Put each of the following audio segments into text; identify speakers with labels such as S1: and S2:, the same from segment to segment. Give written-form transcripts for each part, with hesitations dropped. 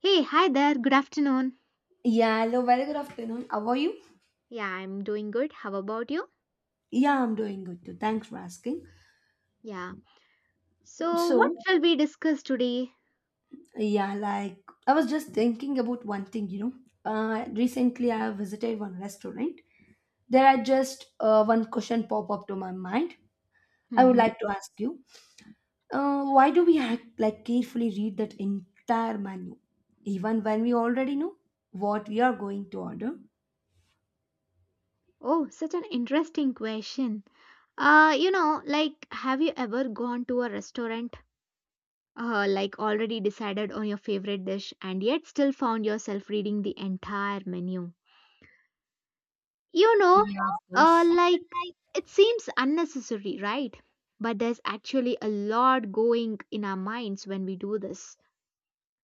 S1: Hey, hi there. Good afternoon.
S2: Yeah, hello, very good afternoon. How are you?
S1: Yeah, I'm doing good. How about you?
S2: Yeah, I'm doing good too. Thanks for asking.
S1: Yeah. So, what
S2: So,
S1: shall we discuss today?
S2: yeah, like I was just thinking about one thing, you know. Recently I visited one restaurant. There are just one question pop up to my mind. I would
S1: Mm-hmm.
S2: like to ask you, why do we act like carefully read that entire menu, even when we already know what we are going to order?
S1: Oh, such an interesting question. You know, like, have you ever gone to a restaurant, like already decided on your favorite dish and yet still found yourself reading the entire menu? You
S2: Yeah,
S1: know,
S2: of course.
S1: like, it seems unnecessary, right? But there's actually a lot going in our minds when we do this,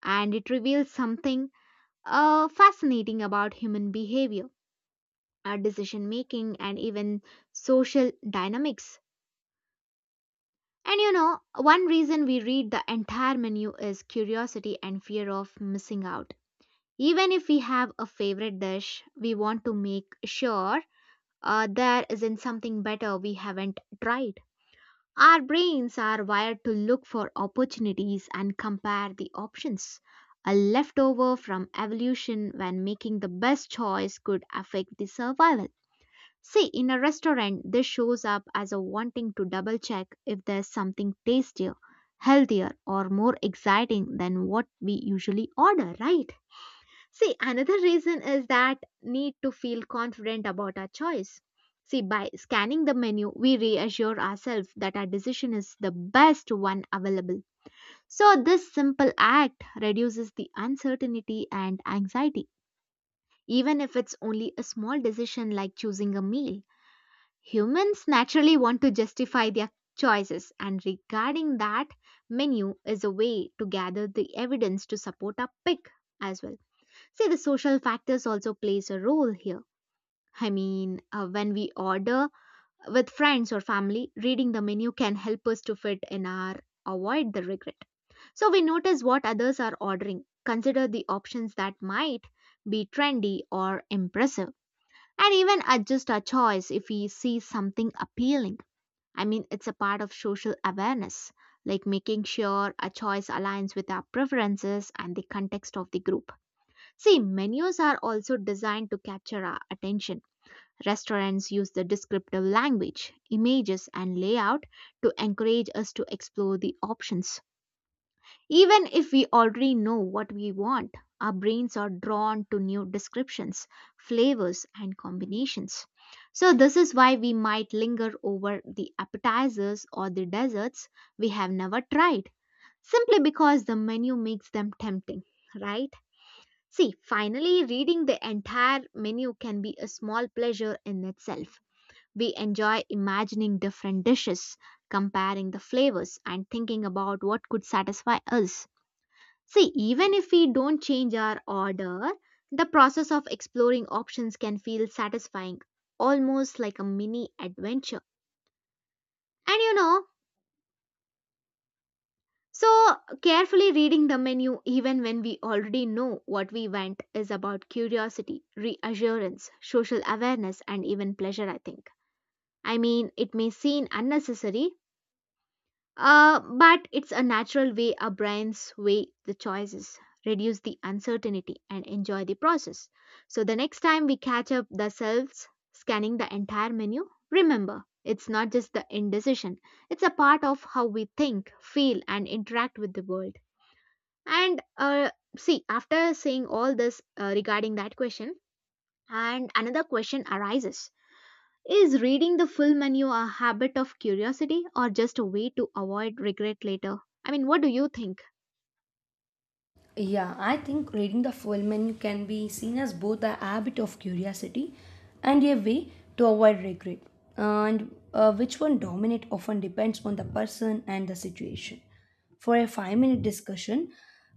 S1: and it reveals something fascinating about human behavior, decision making, and even social dynamics. And you know, one reason we read the entire menu is curiosity and fear of missing out. Even if we have a favorite dish, we want to make sure there isn't something better we haven't tried. Our brains are wired to look for opportunities and compare the options. A leftover from evolution when making the best choice could affect the survival. See, in a restaurant, this shows up as a wanting to double check if there's something tastier, healthier, or more exciting than what we usually order, right? See, another reason is that need to feel confident about our choice. See, by scanning the menu, we reassure ourselves that our decision is the best one available. So, this simple act reduces the uncertainty and anxiety, even if it's only a small decision like choosing a meal. Humans naturally want to justify their choices, and regarding that, menu is a way to gather the evidence to support our pick as well. See, the social factors also plays a role here. I mean, when we order with friends or family, reading the menu can help us to fit in our avoid the regret. So we notice what others are ordering, consider the options that might be trendy or impressive, and even adjust our choice if we see something appealing. I mean, it's a part of social awareness, like making sure a choice aligns with our preferences and the context of the group. See, menus are also designed to capture our attention. Restaurants use the descriptive language, images, and layout to encourage us to explore the options. Even if we already know what we want, our brains are drawn to new descriptions, flavors, and combinations. So, this is why we might linger over the appetizers or the desserts we have never tried, simply because the menu makes them tempting, right? See, finally, reading the entire menu can be a small pleasure in itself. We enjoy imagining different dishes, comparing the flavors, and thinking about what could satisfy us. See, even if we don't change our order, the process of exploring options can feel satisfying, almost like a mini adventure. And you know, So, carefully reading the menu, even when we already know what we want, is about curiosity, reassurance, social awareness, and even pleasure, I think. I mean, it may seem unnecessary, but it's a natural way our brains weigh the choices, reduce the uncertainty, and enjoy the process. So, the next time we catch up ourselves scanning the entire menu, remember it's not just the indecision, it's a part of how we think, feel, and interact with the world. And see, after saying all this regarding that question, and another question arises. Is reading the full menu a habit of curiosity or just a way to avoid regret later? I mean, what do you think?
S2: Yeah, I think reading the full menu can be seen as both a habit of curiosity and a way to avoid regret. And which one dominate often depends on the person and the situation. For a 5-minute discussion,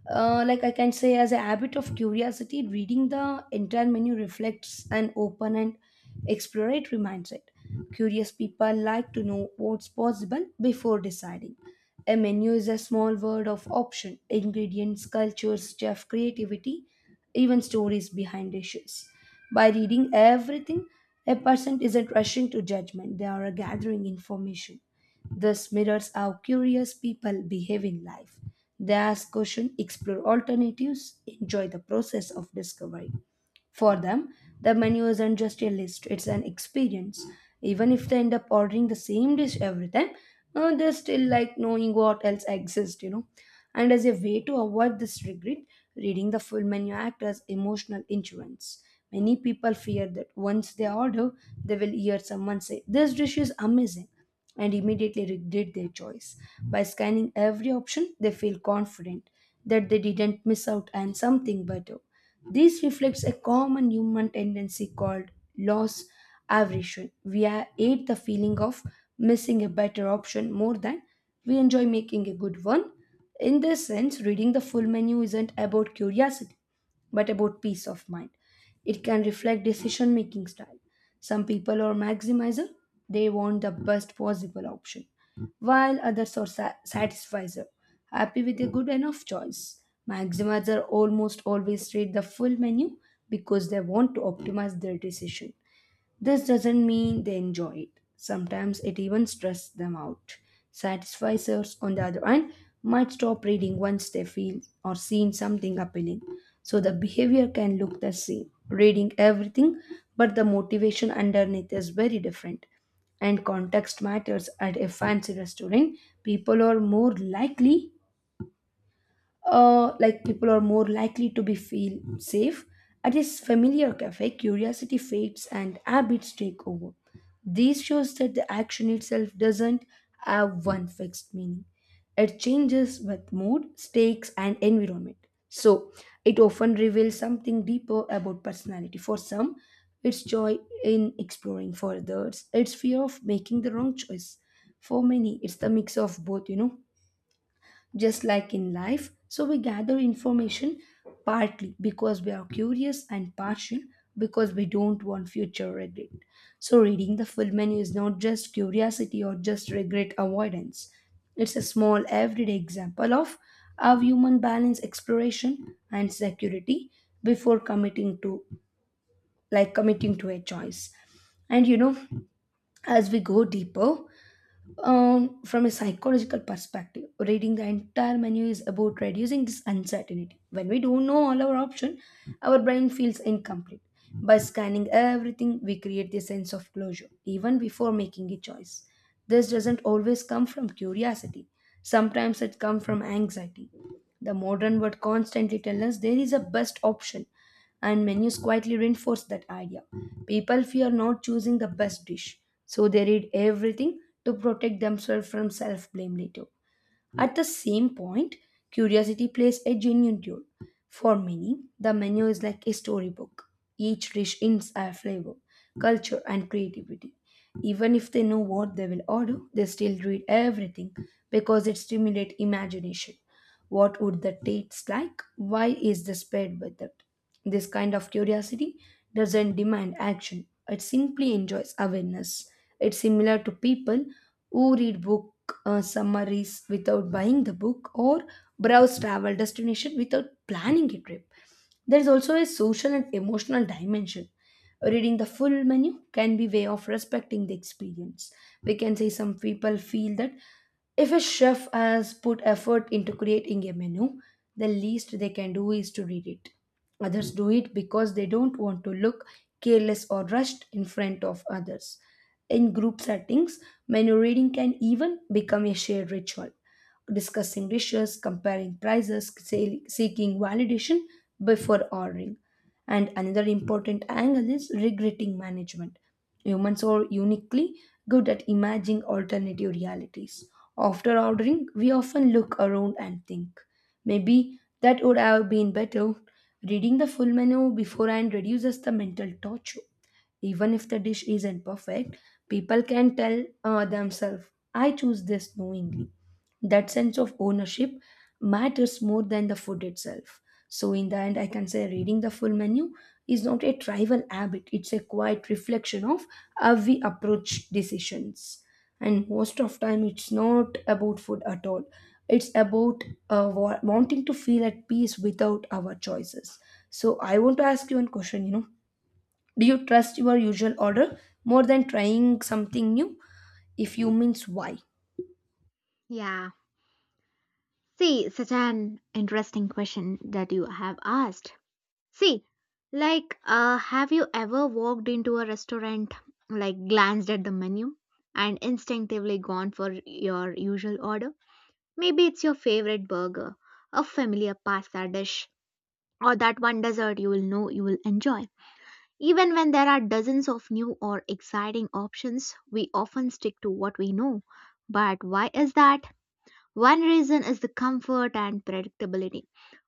S2: like I can say, as a habit of curiosity, reading the entire menu reflects an open and exploratory mindset. Curious people like to know what's possible before deciding. A menu is a small word of option, ingredients, cultures, chef creativity, even stories behind dishes. By reading everything, a person isn't rushing to judgment, they are gathering information. This mirrors how curious people behave in life. They ask questions, explore alternatives, enjoy the process of discovery. For them, the menu isn't just a list, it's an experience. Even if they end up ordering the same dish every time, they still like knowing what else exists, you know. And as a way to avoid this regret, reading the full menu act as emotional insurance. Many people fear that once they order, they will hear someone say, "This dish is amazing," and immediately regret their choice. By scanning every option, they feel confident that they didn't miss out on something better. This reflects a common human tendency called loss aversion. Hate the feeling of missing a better option more than we enjoy making a good one. In this sense, reading the full menu isn't about curiosity, but about peace of mind. It can reflect decision making style. Some people are maximizer, they want the best possible option, while others are satisfizer, happy with a good enough choice. Maximizer almost always read the full menu because they want to optimize their decision. This doesn't mean they enjoy it. Sometimes it even stresses them out. Satisficers, on the other hand, might stop reading once they feel or seen something appealing. So the behavior can look the same, reading everything, but the motivation underneath is very different. And context matters. At a fancy restaurant, people are more likely people are more likely to be feel safe at a familiar cafe. Curiosity fades and habits take over. This shows that the action itself doesn't have one fixed meaning. It changes with mood, stakes, and environment. So it often reveals something deeper about personality. For some it's joy in exploring, for others it's fear of making the wrong choice. For many it's the mix of both, you know, just like in life. So we gather information partly because we are curious and partial because we don't want future regret. So, reading the full menu is not just curiosity or just regret avoidance, it's a small everyday example of how human balance exploration and security before committing to committing to a choice. And you know, as we go deeper from a psychological perspective, reading the entire menu is about reducing this uncertainty. When we don't know all our options, our brain feels incomplete. By scanning everything, we create the sense of closure, even before making a choice. This doesn't always come from curiosity. Sometimes it comes from anxiety. The modern world constantly tells us there is a best option, and menus quietly reinforce that idea. People fear not choosing the best dish, so they read everything to protect themselves from self blame later. At the same point, curiosity plays a genuine role. For many, the menu is like a storybook. Each dish hints at flavor, culture, and creativity. Even if they know what they will order, they still read everything because it stimulates imagination. What would the taste like? Why is this paired with it? This kind of curiosity doesn't demand action, it simply enjoys awareness. It's similar to people who read book summaries without buying the book, or browse travel destination without planning a trip. There is also a social and emotional dimension. Reading the full menu can be way of respecting the experience. We can say some people feel that if a chef has put effort into creating a menu, the least they can do is to read it. Others do it because they don't want to look careless or rushed in front of others. In group settings, menu reading can even become a shared ritual, discussing dishes, comparing prices, seeking validation, before ordering. And another important angle is regretting management. Humans are uniquely good at imagining alternative realities. After ordering, we often look around and think, maybe that would have been better. Reading the full menu beforehand reduces the mental torture. Even if the dish isn't perfect, people can tell themselves, I choose this knowingly. That sense of ownership matters more than the food itself. So, in the end, I can say reading the full menu is not a trivial habit, it's a quiet reflection of how we approach decisions. And most of time, it's not about food at all. It's about wanting to feel at peace without our choices. So, I want to ask you one question. You know, do you trust your usual order more than trying something new? If you means why?
S1: Yeah. See, such an interesting question that you have asked. See, like, have you ever walked into a restaurant, like, glanced at the menu, and instinctively gone for your usual order? Maybe it's your favorite burger, a familiar pasta dish, or that one dessert you will know you will enjoy. Even when there are dozens of new or exciting options, we often stick to what we know. But why is that? One reason is the comfort and predictability.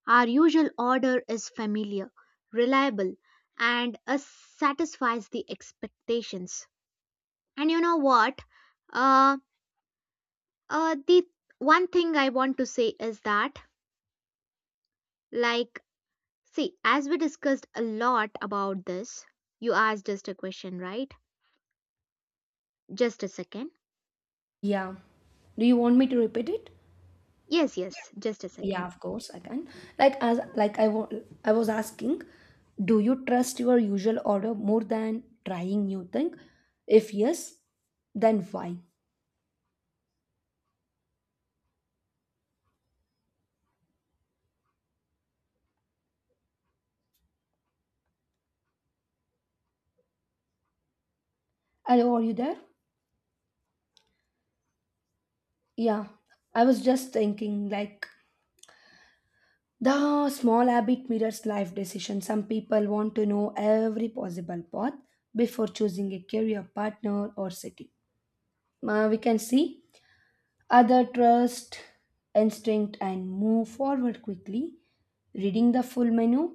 S1: Our usual order is familiar, reliable, and satisfies the expectations. And you know what? Uh, the one thing I want to say is that, like, see, as we discussed a lot about this, you asked just a question, right? Just a second.
S2: Yeah. Do you want me to repeat it?
S1: Yes, yes, just a
S2: Yeah,
S1: second.
S2: of course I can. Like as like I wa- I was asking, do you trust your usual order more than trying new thing? If yes, then why? Hello, are you there? Yeah, I was just thinking like the small habit mirrors life decision. Some people want to know every possible path before choosing a career partner or city. We can see other trust instinct and move forward quickly. Reading the full menu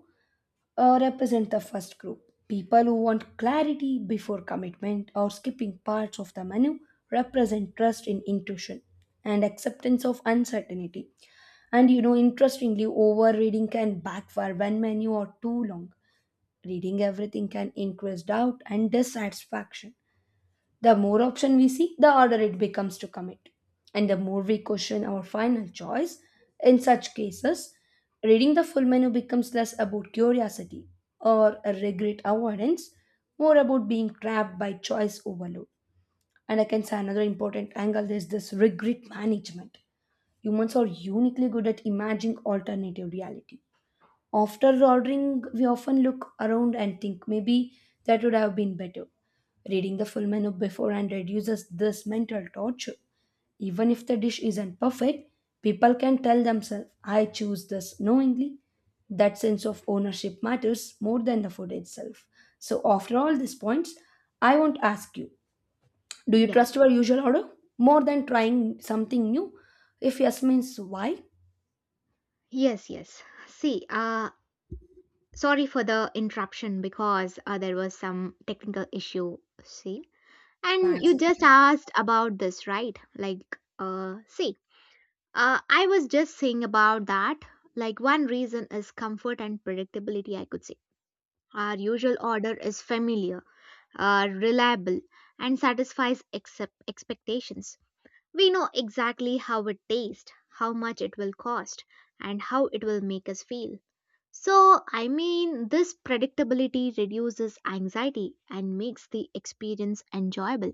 S2: represent the first group. People who want clarity before commitment or skipping parts of the menu represent trust in intuition and acceptance of uncertainty. And you know, interestingly, overreading can backfire when menu are too long. Reading everything can increase doubt and dissatisfaction. The more option we see, the harder it becomes to commit. And the more we question our final choice, in such cases, reading the full menu becomes less about curiosity or a regret avoidance, more about being trapped by choice overload. And I can say another important angle is this regret management. Humans are uniquely good at imagining alternative reality. After ordering, we often look around and think maybe that would have been better. Reading the full menu beforehand reduces this mental torture. Even if the dish isn't perfect, people can tell themselves, I choose this knowingly. That sense of ownership matters more than the food itself. So, after all these points, I want to ask you, do you
S1: Yeah,
S2: trust your usual order more than trying something new? If yes, means why?
S1: yes, yes. See, sorry for the interruption because there was some technical issue. See, and you
S2: Maximum.
S1: just asked about this, right? Like, see, I was just saying about that. Like, one reason is comfort and predictability, I could say. Our usual order is familiar are reliable and satisfies expectations. We know exactly how it tastes, how much it will cost, and how it will make us feel. So, I mean, this predictability reduces anxiety and makes the experience enjoyable.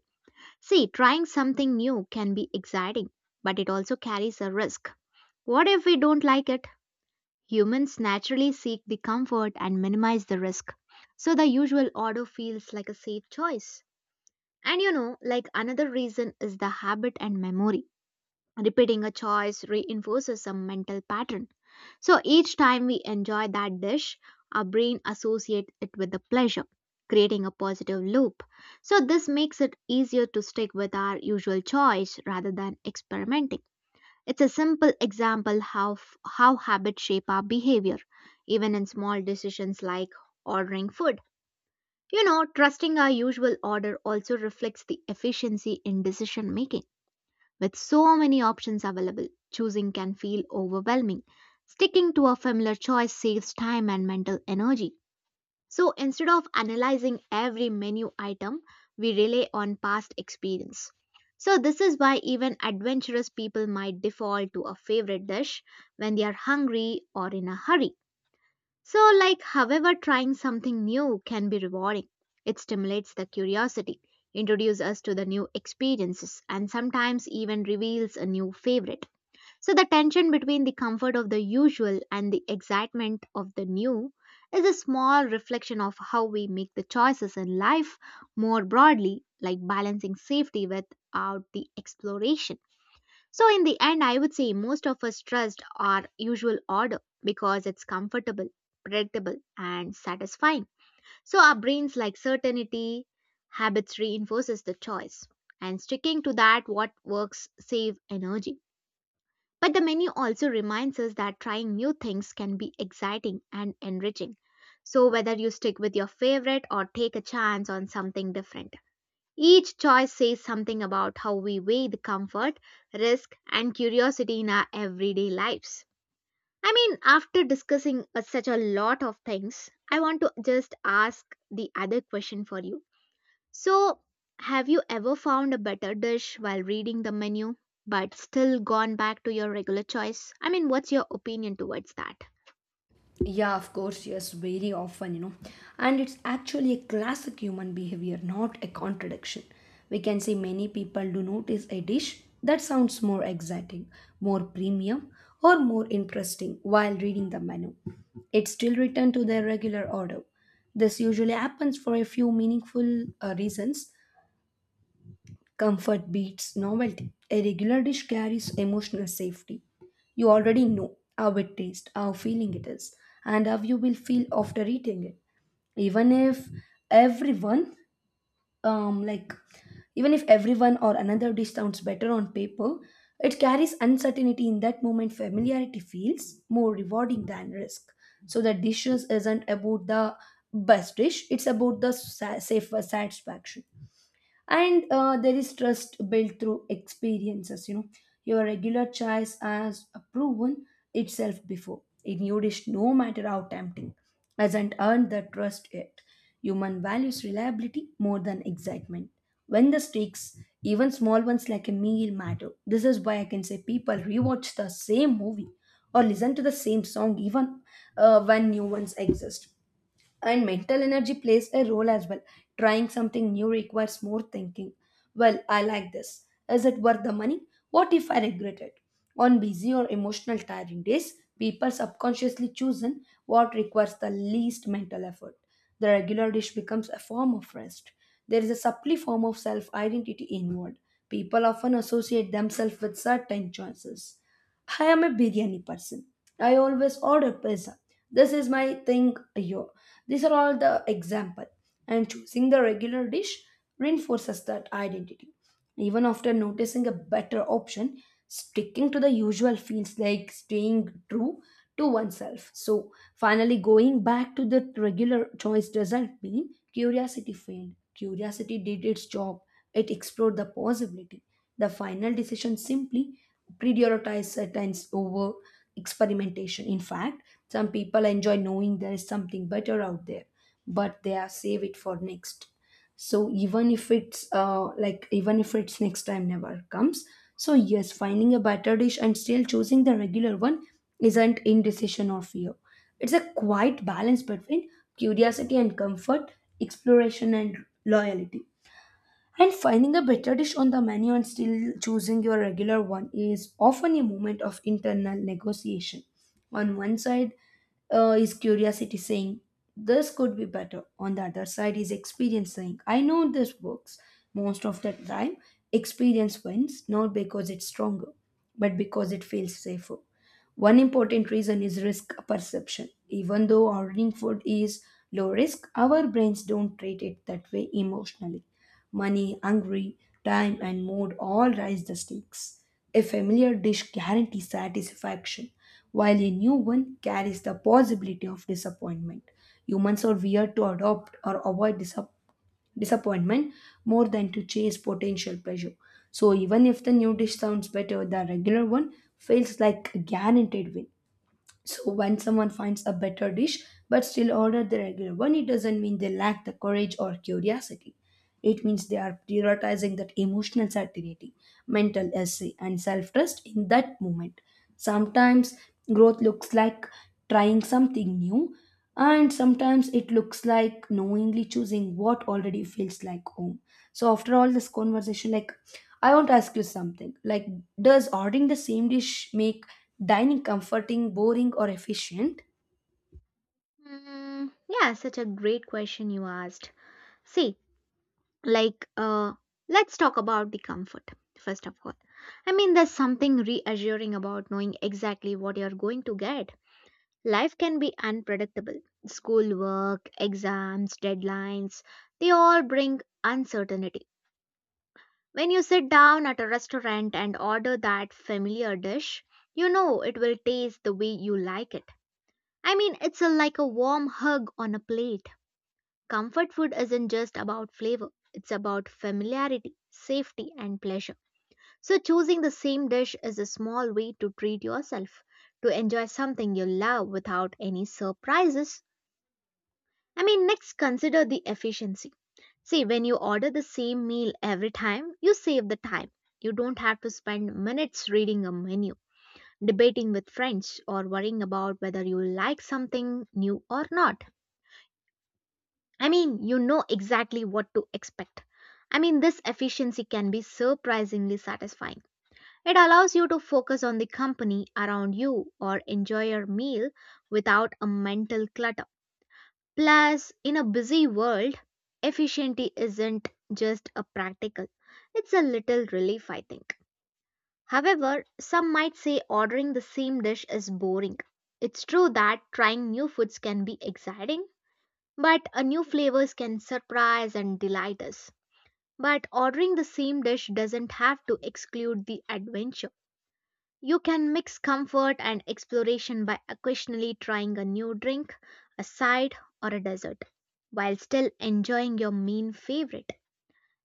S1: See, trying something new can be exciting, but it also carries a risk. What if we don't like it? Humans naturally seek the comfort and minimize the risk. So, the usual order feels like a safe choice. And you know, like another reason is the habit and memory. Repeating a choice reinforces some mental pattern. So each time we enjoy that dish, our brain associates it with a pleasure, creating a positive loop. So this makes it easier to stick with our usual choice rather than experimenting. It's a simple example how how habits shape our behavior, even in small decisions like ordering food. You know, trusting our usual order also reflects the efficiency in decision making. With so many options available, choosing can feel overwhelming. Sticking to a familiar choice saves time and mental energy. So instead of analyzing every menu item, we rely on past experience. So, this is why even adventurous people might default to a favorite dish when they are hungry or in a hurry. So, like, however, trying something new can be rewarding. It stimulates the curiosity, introduces us to the new experiences, and sometimes even reveals a new favorite. So, the tension between the comfort of the usual and the excitement of the new is a small reflection of how we make the choices in life more broadly, like balancing safety without the exploration. So, in the end, I would say most of us trust our usual order because it's comfortable, predictable, and satisfying. So, our brains like certainty, habits reinforces the choice, and sticking to that what works save energy. But the menu also reminds us that trying new things can be exciting and enriching. So, whether you stick with your favorite or take a chance on something different. Each choice says something about how we weigh the comfort, risk, and curiosity in our everyday lives. I mean, after discussing such a lot of things, I want to just ask the other question for you. So, have you ever found a better dish while reading the menu, but still gone back to your regular choice? I mean, what's your opinion towards that?
S2: Yeah, of course, yes, very often, you know. And it's actually a classic human behavior, not a contradiction. We can say many people do notice a dish that sounds more exciting, more premium, or more interesting while reading the menu. It still return to their regular order. This usually happens for a few meaningful reasons. Comfort beats novelty. A regular dish carries emotional safety. You already know how it tastes, how feeling it is, and how you will feel after eating it. Even if everyone, um, like, Even if everyone or another dish sounds better on paper, it carries uncertainty in that moment. Familiarity feels more rewarding than risk. So the dishes isn't about the best dish; it's about the safe satisfaction. And there is trust built through experiences, you know. Your regular choice has proven itself before. A new dish, no matter how tempting, hasn't earned the trust yet. Human values reliability more than excitement when the stakes, even small ones like a meal, matter. This is why I can say people rewatch the same movie or listen to the same song even when new ones exist. And mental energy plays a role as well. Trying something new requires more thinking. Well, I like this. Is it worth the money? What if I regret it? On busy or emotional tiring days, people subconsciously choose in what requires the least mental effort. The regular dish becomes a form of rest. There is a subtly form of self identity involved. People often associate themselves with certain choices. I am a biryani person. I always order pizza. This is my thing here. These are all the example. And choosing the regular dish reinforces that identity. Even after noticing a better option, sticking to the usual feels like staying true to oneself. So finally going back to the regular choice doesn't mean curiosity failed. Curiosity did its job. It explored the possibility. The final decision simply prioritize certain over experimentation. In fact, some people enjoy knowing there is something better out there, but they are save it for next. So even if it's even if it's next time never comes. So yes, finding a better dish and still choosing the regular one isn't indecision or fear. It's a quiet balance between curiosity and comfort, exploration and loyalty. And finding a better dish on the menu and still choosing your regular one is often a moment of internal negotiation. On one side is curiosity saying, this could be better. On the other side is experience saying, I know this works. Most of the time, experience wins not because it's stronger, but because it feels safer. One important reason is risk perception. Even though ordering food is low risk, our brains don't treat it that way emotionally. Money, hungry, time, and mood all raise the stakes. A familiar dish guarantees satisfaction, while a new one carries the possibility of disappointment. Humans are weird to adopt or avoid disappointment more than to chase potential pleasure. So, even if the new dish sounds better, the regular one feels like a guaranteed win. So when someone finds a better dish but still order the regular one, it doesn't mean they lack the courage or curiosity. It means they are prioritizing that emotional certainty, mental essay, and self trust in that moment. Sometimes growth looks like trying something new, and sometimes it looks like knowingly choosing what already feels like home. So, after all this conversation, like I want to ask you something like, does ordering the same dish make dining comforting, boring, or efficient?
S1: Mm, yeah, such a great question you asked. See, like let's talk about the comfort first of all. I mean, there's something reassuring about knowing exactly what you're going to get. Life can be unpredictable, school work, exams, deadlines, they all bring uncertainty. When you sit down at a restaurant and order that familiar dish, you know it will taste the way you like it. I mean, like a warm hug on a plate. Comfort food isn't just about flavor, it's about familiarity, safety, and pleasure. So, choosing the same dish is a small way to treat yourself, to enjoy something you love without any surprises. I mean, next, consider the efficiency. See, when you order the same meal every time, you save the time. You don't have to spend minutes reading a menu, debating with friends, or worrying about whether you like something new or not. I mean, you know exactly what to expect. I mean, this efficiency can be surprisingly satisfying. It allows you to focus on the company around you or enjoy your meal without a mental clutter. Plus, in a busy world, efficiency isn't just a practical, it's a little relief, I think. However, some might say ordering the same dish is boring. It's true that trying new foods can be exciting, but a new flavors can surprise and delight us. But ordering the same dish doesn't have to exclude the adventure. You can mix comfort and exploration by occasionally trying a new drink, a side, or a dessert, while still enjoying your main favorite.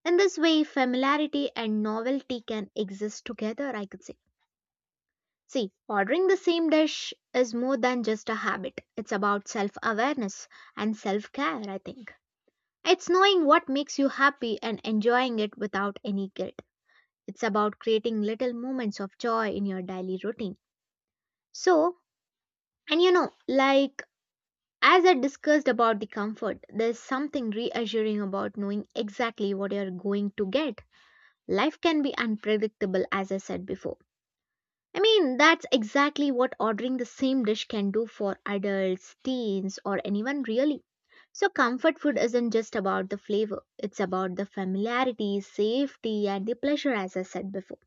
S1: In this way, familiarity and novelty can exist together, I could say. See, ordering the same dish is more than just a habit. It's about self awareness and self care, I think. It's knowing what makes you happy and enjoying it without any guilt. It's about creating little moments of joy in your daily routine. So, and you know, like as I discussed about the comfort, there's something reassuring about knowing exactly what you're going to get. Life can be unpredictable. As I said before, I mean, that's exactly what ordering the same dish can do for adults, teens, or anyone really. So, comfort food isn't just about the flavor, it's about the familiarity, safety, and the pleasure, as I said before.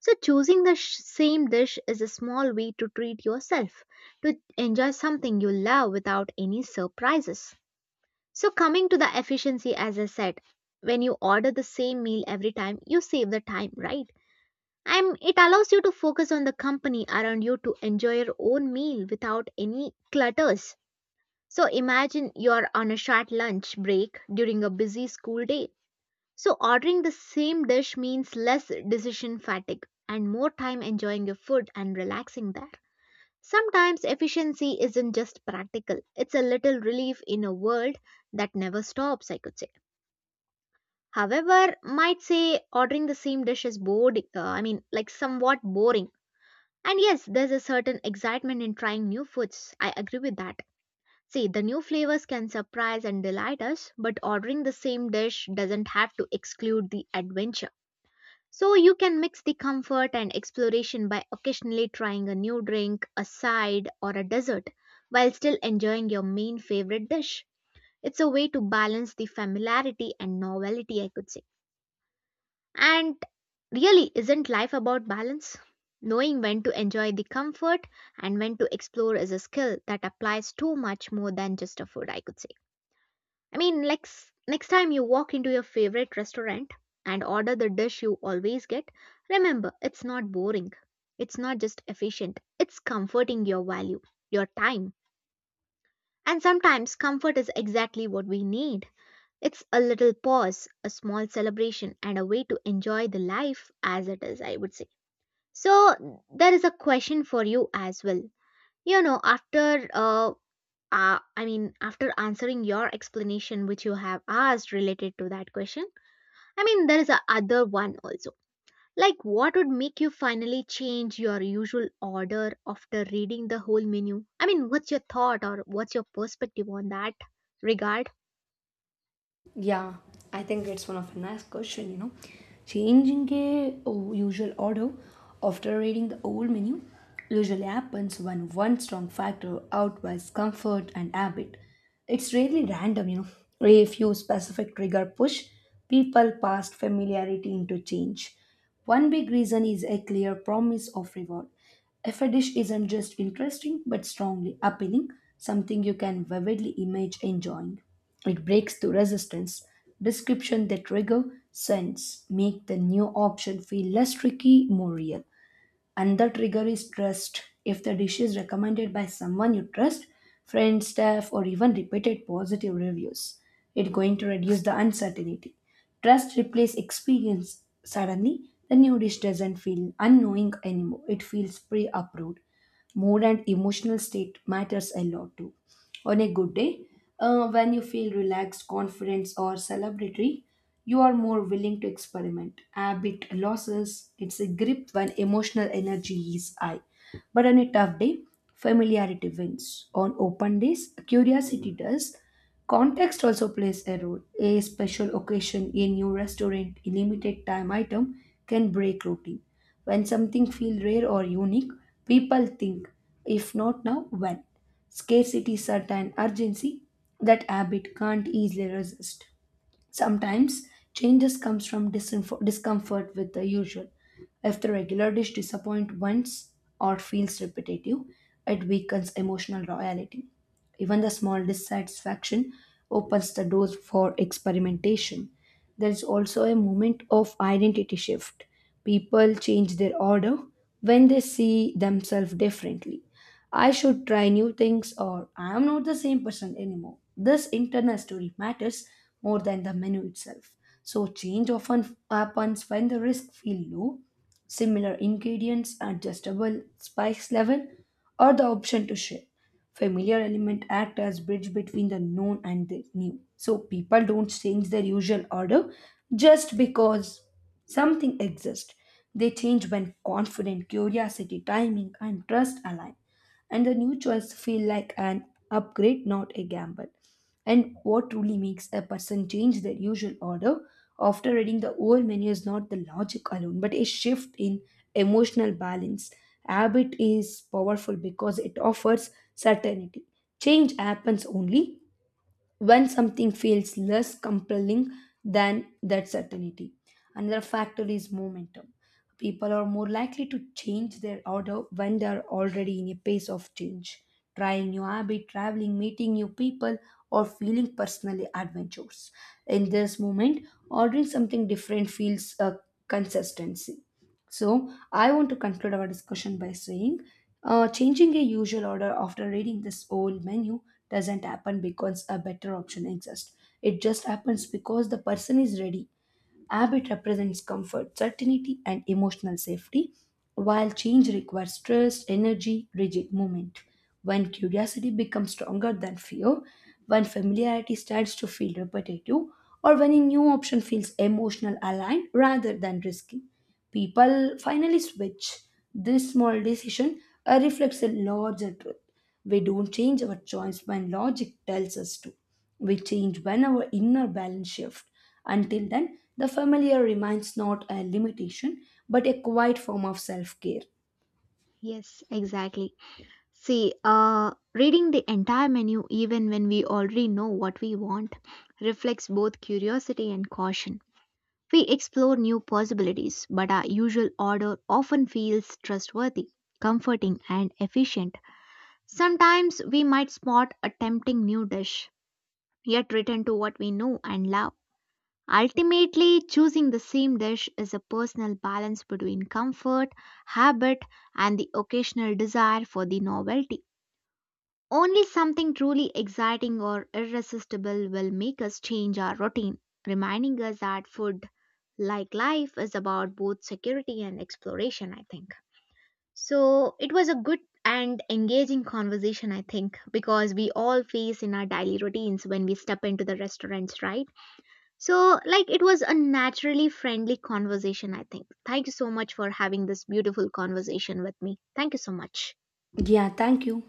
S1: So, choosing the same dish is a small way to treat yourself, to enjoy something you love without any surprises. So, coming to the efficiency, as I said, when you order the same meal every time, you save the time, right? And it allows you to focus on the company around you to enjoy your own meal without any clutters. So imagine you're on a short lunch break during a busy school day. So ordering the same dish means less decision fatigue and more time enjoying your food and relaxing there. Sometimes efficiency isn't just practical, it's a little relief in a world that never stops, I could say. However, might say ordering the same dish is bored, I mean, like somewhat boring. And yes, there's a certain excitement in trying new foods. I agree with that. See, the new flavors can surprise and delight us, but ordering the same dish doesn't have to exclude the adventure. So you can mix the comfort and exploration by occasionally trying a new drink, a side, or a dessert while still enjoying your main favorite dish. It's a way to balance the familiarity and novelty, I could say. And really, isn't life about balance? Knowing when to enjoy the comfort and when to explore is a skill that applies to much more than just a food, I could say. I mean, like next time you walk into your favorite restaurant and order the dish you always get, remember it's not boring. It's not just efficient, it's comforting your value, your time. And sometimes comfort is exactly what we need. It's a little pause, a small celebration, and a way to enjoy the life as it is, I would say. So, there is a question for you as well. You know, after, uh, I mean, after answering your explanation, which you have asked related to that question, I mean, there is a other one also. Like, what would make you finally change your usual order after reading the whole menu? I mean, what's your thought or what's your perspective on that regard?
S2: Yeah, I think it's one of a nice question, you know. Changing a usual order after reading the old menu usually happens when one strong factor outweighs comfort and habit. It's really random, you know. If few specific trigger push, people past familiarity into change. One big reason is a clear promise of reward. If a dish isn't just interesting but strongly appealing, something you can vividly image enjoying, it breaks through resistance. Description that trigger sense make the new option feel less tricky, more real. Another trigger is trust. If the dish is recommended by someone you trust, friends, staff, or even repeated positive reviews, it's going to reduce the uncertainty. Trust replaces experience. Suddenly, the new dish doesn't feel unknowing anymore. It feels pre approved. Mood and emotional state matters a lot too. On a good day, when you feel relaxed, confident, or celebratory, you are more willing to experiment. Habit losses its a grip when emotional energy is high. But on a tough day, familiarity wins. On open days, curiosity does. Context also plays a role. A special occasion, a new restaurant, a limited time item can break routine. When something feels rare or unique, people think, if not now, when? Scarcity, certain urgency that habit can't easily resist. Sometimes changes comes from discomfort with the usual. If the regular dish disappoints once or feels repetitive, it weakens emotional loyalty. Even the small dissatisfaction opens the doors for experimentation. There is also a moment of identity shift. People change their order when they see themselves differently. I should try new things or I am not the same person anymore. This internal story matters more than the menu itself. So change often happens when the risk feel low, similar ingredients, adjustable spice level, or the option to share. Familiar element act as bridge between the known and the new. So people don't change their usual order just because something exists. They change when confident, curiosity, timing, and trust align and the new choice feel like an upgrade, not a gamble. And what truly makes a person change their usual order after reading the old menu is not the logic alone, but a shift in emotional balance. Habit is powerful because it offers certainty. Change happens only when something feels less compelling than that certainty. Another factor is momentum. People are more likely to change their order when they are already in a pace of change, trying new habit, traveling, meeting new people, or feeling personally adventurous. In this moment, ordering something different feels a consistency. So, I want to conclude our discussion by saying, changing a usual order after reading this whole menu doesn't happen because a better option exists. It just happens because the person is ready. Habit represents comfort, certainty, and emotional safety, while change requires trust, energy, rigid movement. When curiosity becomes stronger than fear, when familiarity starts to feel repetitive, or when a new option feels emotional aligned rather than risky, people finally switch. This small decision reflects a larger truth we don't change our choice when logic tells us to. We change when our inner balance shifts. Until then, the familiar remains not a limitation but a quiet form of self care.
S1: Yes, exactly. See, reading the entire menu, even when we already know what we want, reflects both curiosity and caution. We explore new possibilities, but our usual order often feels trustworthy, comforting, and efficient. Sometimes we might spot a tempting new dish, yet return to what we know and love. Ultimately, choosing the same dish is a personal balance between comfort, habit, and the occasional desire for the novelty. Only something truly exciting or irresistible will make us change our routine, reminding us that food, like life, is about both security and exploration, I think. So it was a good and engaging conversation, I think, because we all face in our daily routines when we step into the restaurants, right? So, like, it was a naturally friendly conversation, I think. Thank you so much for having this beautiful conversation with me. Thank you so much.
S2: Yeah, thank you.